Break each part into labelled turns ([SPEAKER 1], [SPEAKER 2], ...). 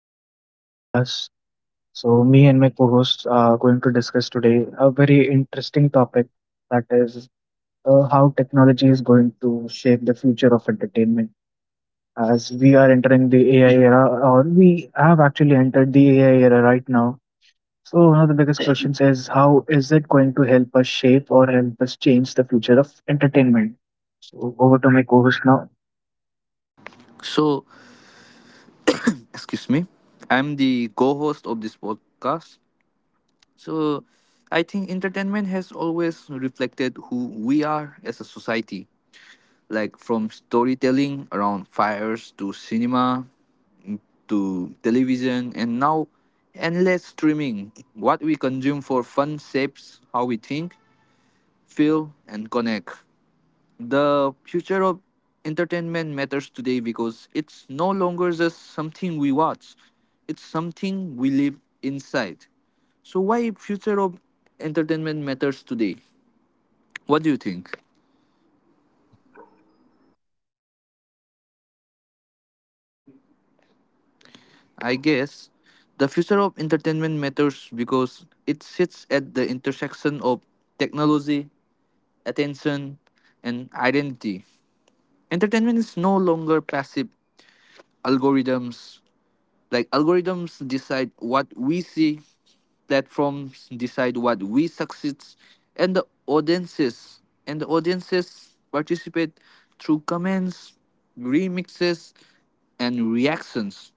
[SPEAKER 1] everyone to our podcast. Me and my co host are going to discuss today a very interesting topic that is how technology is going to shape the future of entertainment. As we are entering the AI era, or we have actually entered the AI era right now. So, one of the biggest questions is how is it going to help us shape or help us change the future of entertainment? So, over to my co host now.
[SPEAKER 2] So, excuse me, I'm the co host of this podcast. So, I think entertainment has always reflected who we are as a society, like from storytelling around fires to cinema to television and now endless streaming. What we consume for fun shapes how we think, feel, and connect. The future of entertainment matters today because it's no longer just something we watch, it's something we live inside. So why future of entertainment matters today? What do you think? I guess the future of entertainment matters because it sits at the intersection of technology, attention, and identity. Entertainment is no longer passive algorithms. Like algorithms decide what we see, platforms decide what we succeeds and the audiences participate through comments, remixes, and reactions.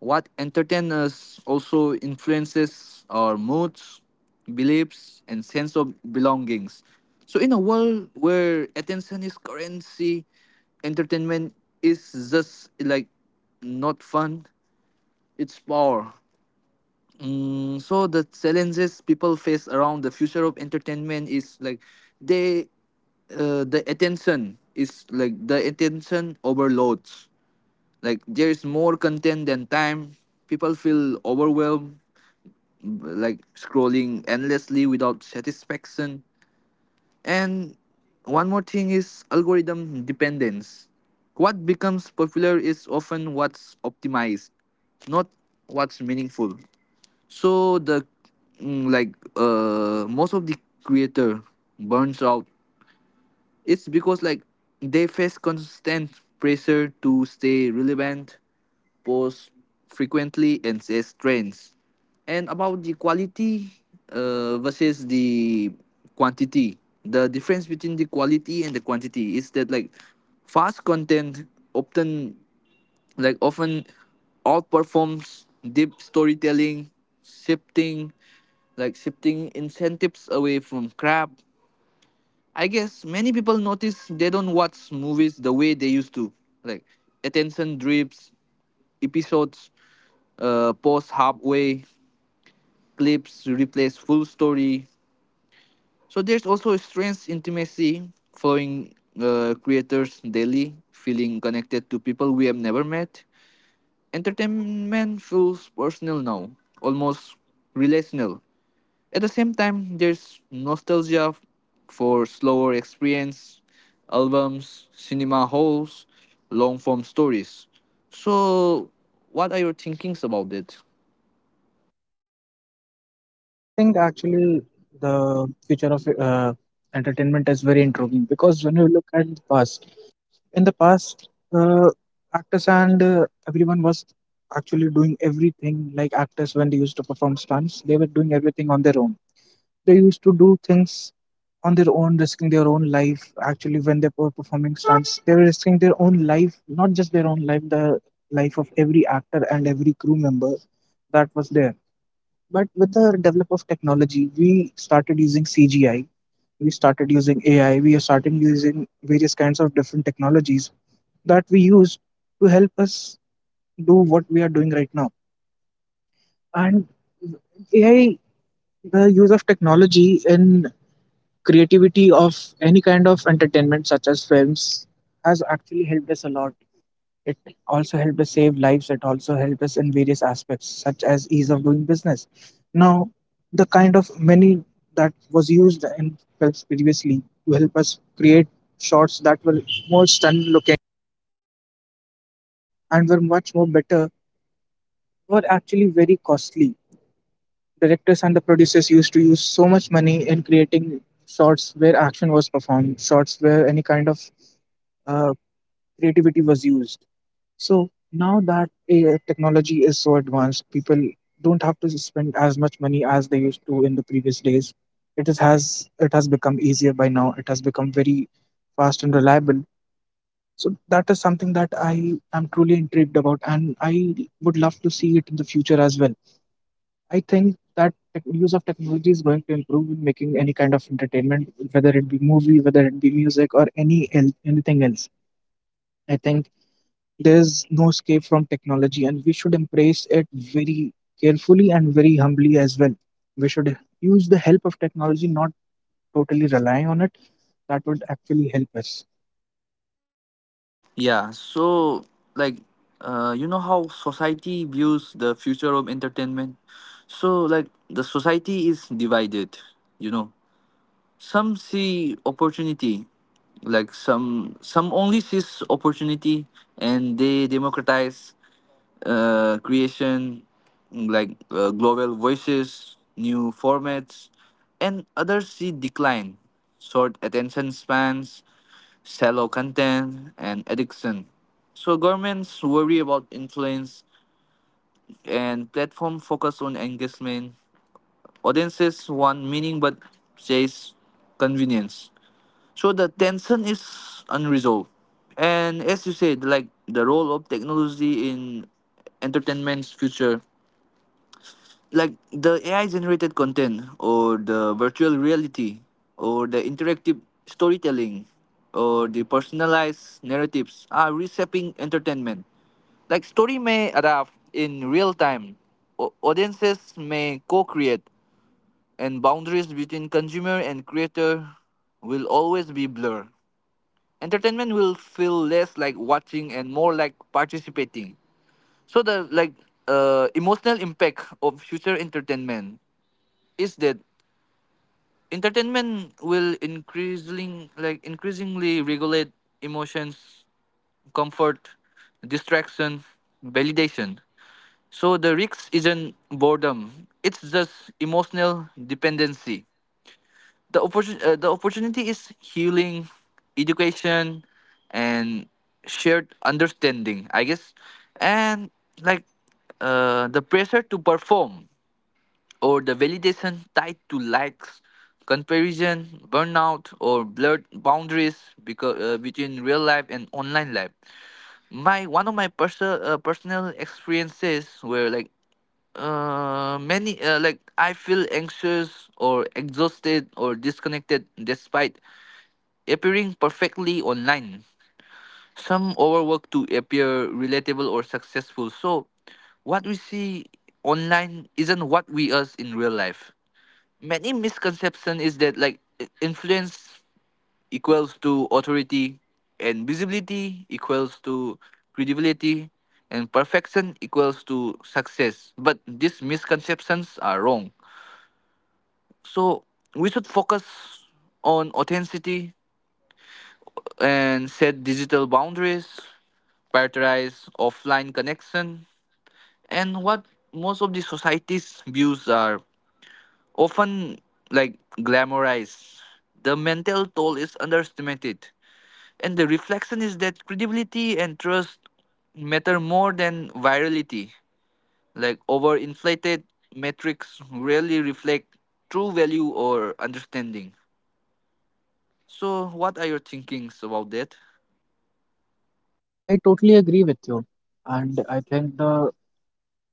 [SPEAKER 2] What entertains us also influences our moods, beliefs, and sense of belongings. So in a world where attention is currency, entertainment is just like not fun, it's power. So the challenges people face around the future of entertainment is like they, the attention is like the attention overloads, like there is more content than time, people feel overwhelmed, like scrolling endlessly without satisfaction. And one more thing is algorithm dependence. What becomes popular is often what's optimized, not what's meaningful. So the, like most of the creator burns out. It's because like they face constant pressure to stay relevant, post frequently and say trends. And about the quality versus the quantity, the difference between the quality and the quantity is that like fast content often, like often outperforms deep storytelling, shifting, shifting incentives away from crap. I guess many people notice they don't watch movies the way they used to. Like attention drips, episodes pause halfway, clips replace full story. So there's also a strange intimacy following creators daily, feeling connected to people we have never met. Entertainment feels personal now, almost relational. At the same time, there's for slower experience, albums, cinema halls, long form stories. So, what are your thinkings about it?
[SPEAKER 1] So I think actually the future of entertainment is very intriguing because when you look at the past, in the past, uh, actors and everyone was actually doing everything. Like actors, when they used to perform stunts, they were doing everything on their own. They used to do things on their own, risking their own life. Actually, when they were performing stunts, they were risking their own life, not just their own life, the life of every actor and every crew member that was there, but with the develop of technology, we started using CGI, we started using AI, we are starting using various kinds of different technologies that we use to help us do what we are doing right now. And AI, the use of technology in creativity of any kind of entertainment, such as films, has actually helped us a lot. It also helped us save lives. It also helped us in various aspects, such as ease of doing business. Now, the kind of money that was used in films previously to help us create shots that were more stunning looking and were much more better were actually very costly. Directors and the producers used to use so much money in creating shots where action was performed, shots where any kind of uh, creativity was used. So now that AI technology is so advanced, people don't have to spend as much money as they used to in the previous days. It has become easier by now. It has become very fast and reliable. So that is something that I am truly intrigued about, and I would love to see it in the future as well. I think that use of technology is going to improve in making any kind of entertainment, whether it be movie, whether it be music, or anything else. I think there's no escape from technology, and we should embrace it very carefully and very humbly as well. We should use the help of technology, not totally rely on it. That would actually help us.
[SPEAKER 2] Yeah, so like you know how society views the future of entertainment? So like the society is divided, you know. Some see opportunity, like some only sees opportunity and they democratize creation, like global voices, new formats. And others see decline, short attention spans, shallow content, and addiction. So governments worry about influence and platform focus on engagement. Audiences want meaning but chase convenience, so the tension is unresolved. And as you said, like the role of technology in entertainment's future, like the AI generated content or the virtual reality or the interactive storytelling or the personalized narratives are reshaping entertainment. Like story may adapt in real time. Audiences may co-create and boundaries between consumer and creator will always be blurred. Entertainment will feel less like watching and more like participating. So the, like, emotional impact of future entertainment is that entertainment will increasingly regulate emotions, comfort, distraction, validation. So the risk isn't boredom, it's just emotional dependency. The opportunity is healing, education, and shared understanding. I guess, and like the pressure to perform or the validation tied to likes, comparison, burnout, or blurred boundaries because, between real life and online life. My one of my personal personal experiences were like, many like I feel anxious or exhausted or disconnected despite appearing perfectly online. Some overwork to appear relatable or successful. So, what we see online isn't what we us in real life. Many misconception is that like influence equals to authority, and visibility equals to credibility, and perfection equals to success, but these misconceptions are wrong. So we should focus on authenticity and set digital boundaries, prioritize offline connection. And what most of the society's views are often like glamorized. The mental toll is underestimated, and the reflection is that credibility and trust matter more than virality. Like overinflated metrics rarely reflect true value or understanding. So, what are your thinkings about that?
[SPEAKER 1] I totally agree with you, and I think the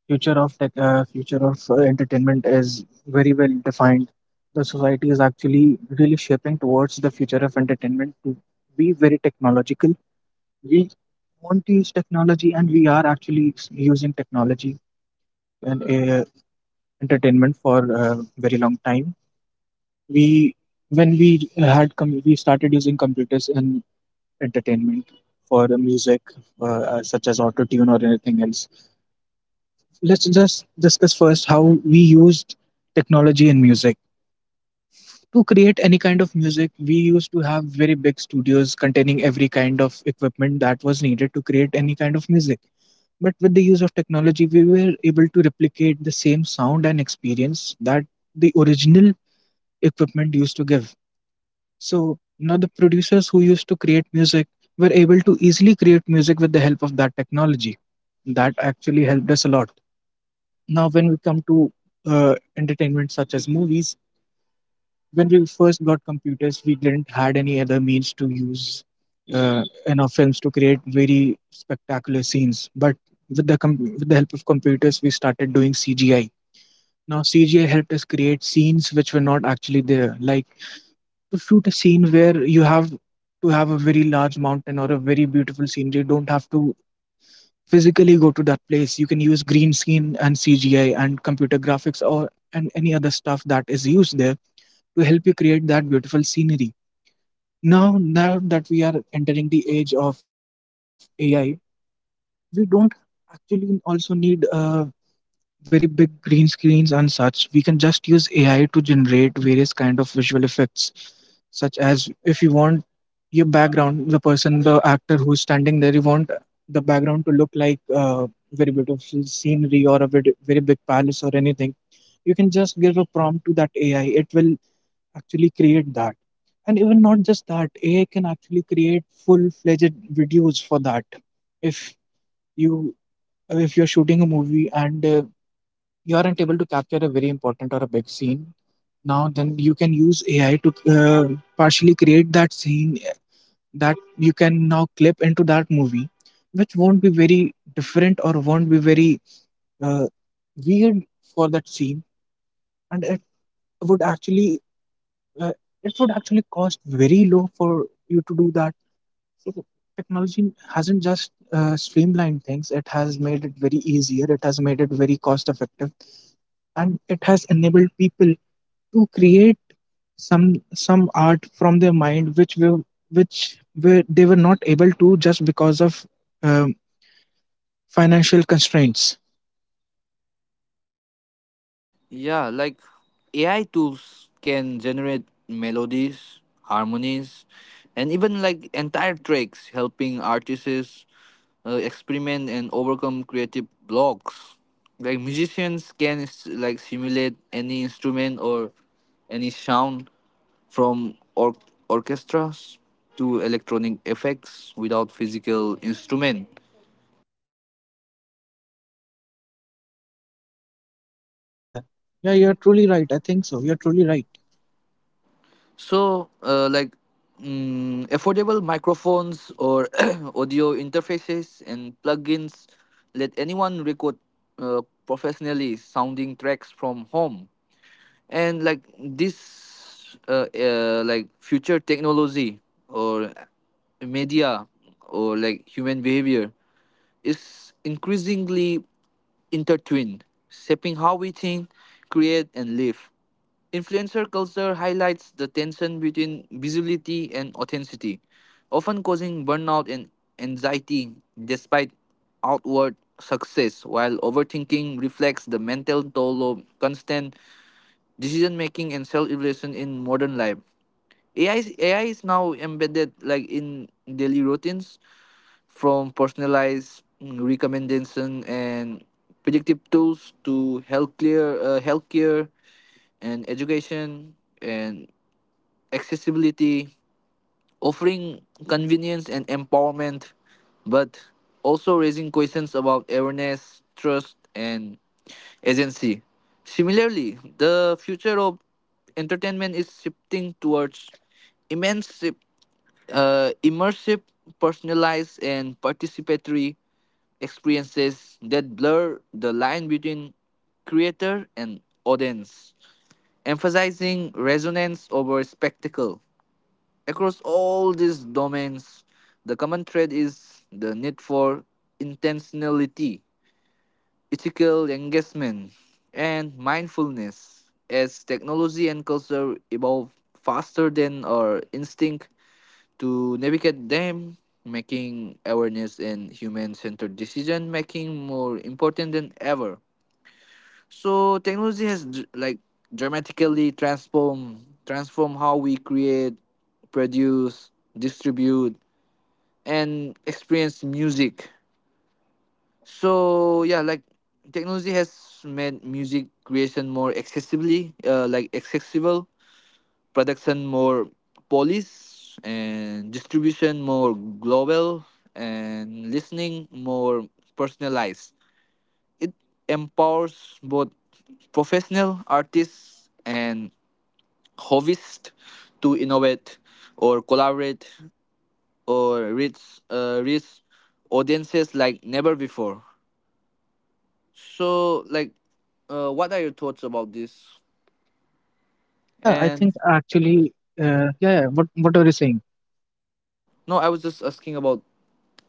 [SPEAKER 1] future of entertainment is very well defined. The society is actually really shaping towards the future of entertainment to be very technological. We want to use technology, and we are using technology and entertainment for a very long time. We when we we started using computers in entertainment for the music, such as auto tune or anything else. Let's just discuss first how we used technology in music. To create any kind of music, we used to have very big studios containing every kind of equipment that was needed to create any kind of music, but with the use of technology we were able to replicate the same sound and experience that the original equipment used to give. So now the producers who used to create music were able to easily create music with the help of that technology. That actually helped us a lot. Now, when we come to entertainment such as movies, when we first got computers, we didn't had any other means to use in our films to create very spectacular scenes. But with the help of computers, we started doing CGI. Now, CGI helped us create scenes which were not actually there, like to shoot a scene where you have to have a very large mountain or a very beautiful scenery. You don't have to physically go to that place. You can use green screen and CGI and computer graphics or and any other stuff that is used there to help you create that beautiful scenery. Now, now that we are entering the age of uh, AI, we don't actually also need a very big green screens and such. We can just use ai to generate various kind of visual effects, such as if you want your background, the person, the actor who's standing there, you want the background to look like very beautiful scenery or a very, very big palace or anything, you can just give a prompt to that ai, it will actually create that. And even not just that, ai can actually create full fledged videos for that. If you if you're shooting a movie and you aren't able to capture a very important or a big scene now, then you can use ai to partially create that scene that you can now clip into that movie, which won't be very different or won't be very uh, weird for that scene. And would actually uh, it would actually cost very low for you to do that. So the technology hasn't just streamlined things, it has made it very easier, it has made it very cost effective, and it has enabled people to create some art from their mind which will which were, they were not able to just because of um, financial constraints.
[SPEAKER 2] Yeah, like AI tools can generate melodies, harmonies, and even like entire tracks, helping artists experiment and overcome creative blocks. Like musicians can simulate any instrument or any sound from orchestras to electronic effects without physical instrument.
[SPEAKER 1] Yeah yeah you're truly right. I think so, you're truly right.
[SPEAKER 2] So, affordable microphones or audio interfaces and plugins let anyone record professionally sounding tracks from home. And like this, like future technology or media or like human behavior is increasingly intertwined, shaping how we think, create, and live. Influencer culture highlights the tension between visibility and authenticity, often causing burnout and anxiety despite outward success, while overthinking reflects the mental toll of constant decision making and self evaluation in modern life. AI is now embedded like in daily routines, from personalized recommendation and predictive tools to healthcare, healthcare and education and accessibility, offering convenience and empowerment, but also raising questions about awareness, trust, and agency. Similarly, the future of entertainment is shifting towards immense, immersive, personalized, and participatory experiences that blur the line between creator and audience, emphasizing resonance over spectacle. Across all these domains, the common thread is the need for intentionality, ethical engagement, and mindfulness. As technology and culture evolve faster than our instinct, to navigate them, making awareness and human centered decision making more important than ever. So technology has dramatically transform how we create, produce, distribute, and experience music. So yeah, like technology has made music creation more accessibly, like accessible, production more polish and distribution more global, and listening more personalized. It empowers both professional artists and hobbyists to innovate or collaborate or reach audiences like never before. So like what are your thoughts about this
[SPEAKER 1] Yeah, I
[SPEAKER 2] and
[SPEAKER 1] think actually what are you saying?
[SPEAKER 2] no I was just asking about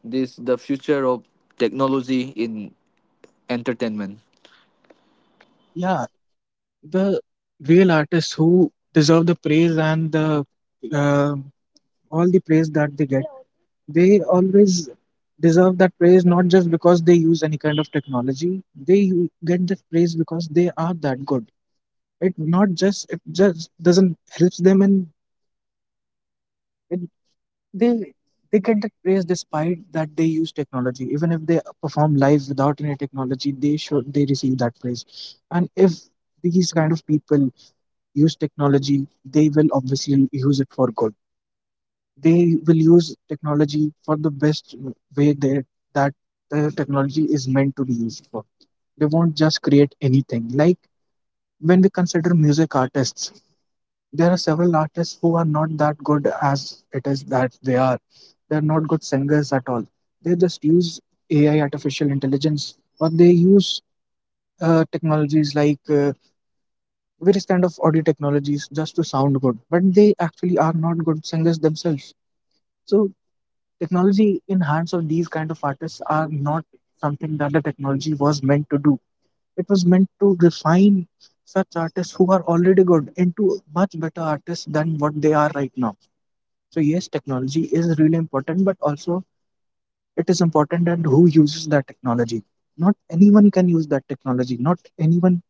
[SPEAKER 2] this the future of technology in entertainment.
[SPEAKER 1] Yeah, the real artists who deserve the praise and the uh, all the praise that they get, they always deserve that praise, not just because they use any kind of technology. Get that praise because they are that good. It just doesn't helps them. And it, they they get that praise despite that they use technology. Even if they perform live without any technology, they should, they receive that praise. And if these kind of people use technology, they will obviously use it for good. They will use technology for the best way they, that the technology is meant to be used for. They won't just create anything. Like when we consider music artists, there are several artists who are not that good as it is that they are. They're not good singers at all. They just use AI, artificial intelligence, or they use technologies like various kind of audio technologies just to sound good. But they actually are not good singers themselves. So technology in hands of these kind of artists are not something that the technology was meant to do. It was meant to refine such artists who are already good into much better artists than what they are right now. So yes, technology is really important, but also it is important that who uses that technology. Not anyone can use that technology. Not anyone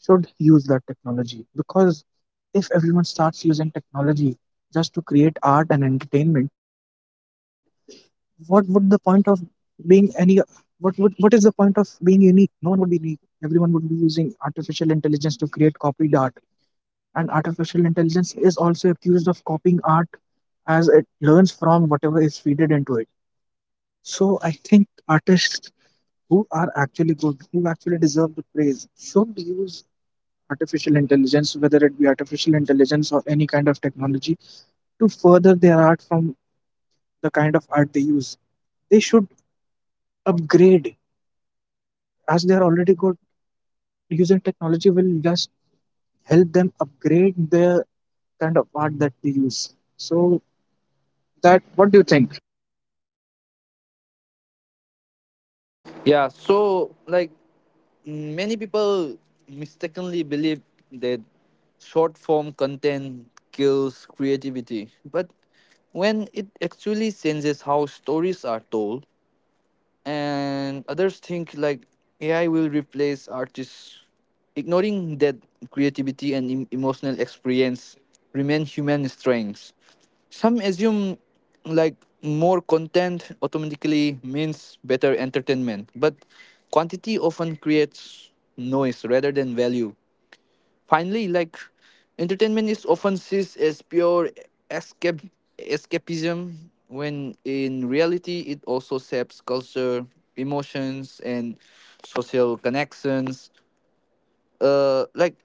[SPEAKER 1] should use that technology, because if everyone starts using technology just to create art and entertainment, what would the point of being any, what would, what is the point of being unique? No one would be unique. Everyone would be using artificial intelligence to create copied art, and artificial intelligence is also accused of copying art as it learns from whatever is feeded into it. So I think artists who are actually good, who actually deserve the praise, should use artificial intelligence, whether it be artificial intelligence or any kind of technology, to further their art. From the kind of art they use, they should upgrade. As they are already good, using technology will just help them upgrade the kind of art that they use. So that, what do you think?
[SPEAKER 2] Yeah, so like many people mistakenly believe that short form content kills creativity, but when it actually changes how stories are told, and others think like AI will replace artists, ignoring that creativity and emotional experience remain human strengths. Some assume like more content automatically means better entertainment, but quantity often creates noise rather than value. Finally, like entertainment is often seen as pure escape escapism when in reality it also shapes culture, emotions, and social connections. Like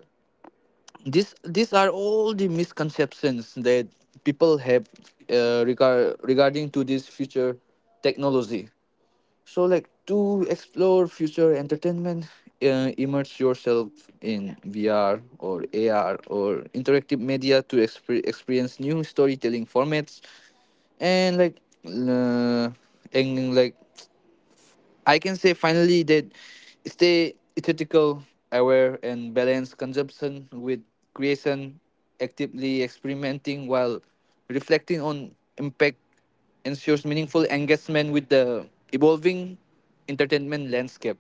[SPEAKER 2] this, these are all the misconceptions that people have, regarding to this future technology. So, like to explore future entertainment, immerse yourself in VR or AR or interactive media to experience new storytelling formats. And like, uh, and like I can say finally that stay ethical, aware, and balance consumption with creation, actively experimenting while reflecting on impact ensures meaningful engagement with the evolving entertainment landscape.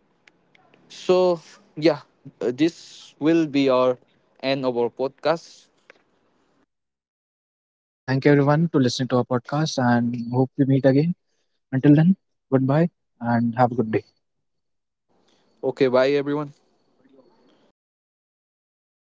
[SPEAKER 2] So, yeah, this will be our end of our podcast.
[SPEAKER 1] So thank you everyone to listening to our podcast and hope we meet again. Until then, goodbye and have a good day.
[SPEAKER 2] Okay, bye everyone.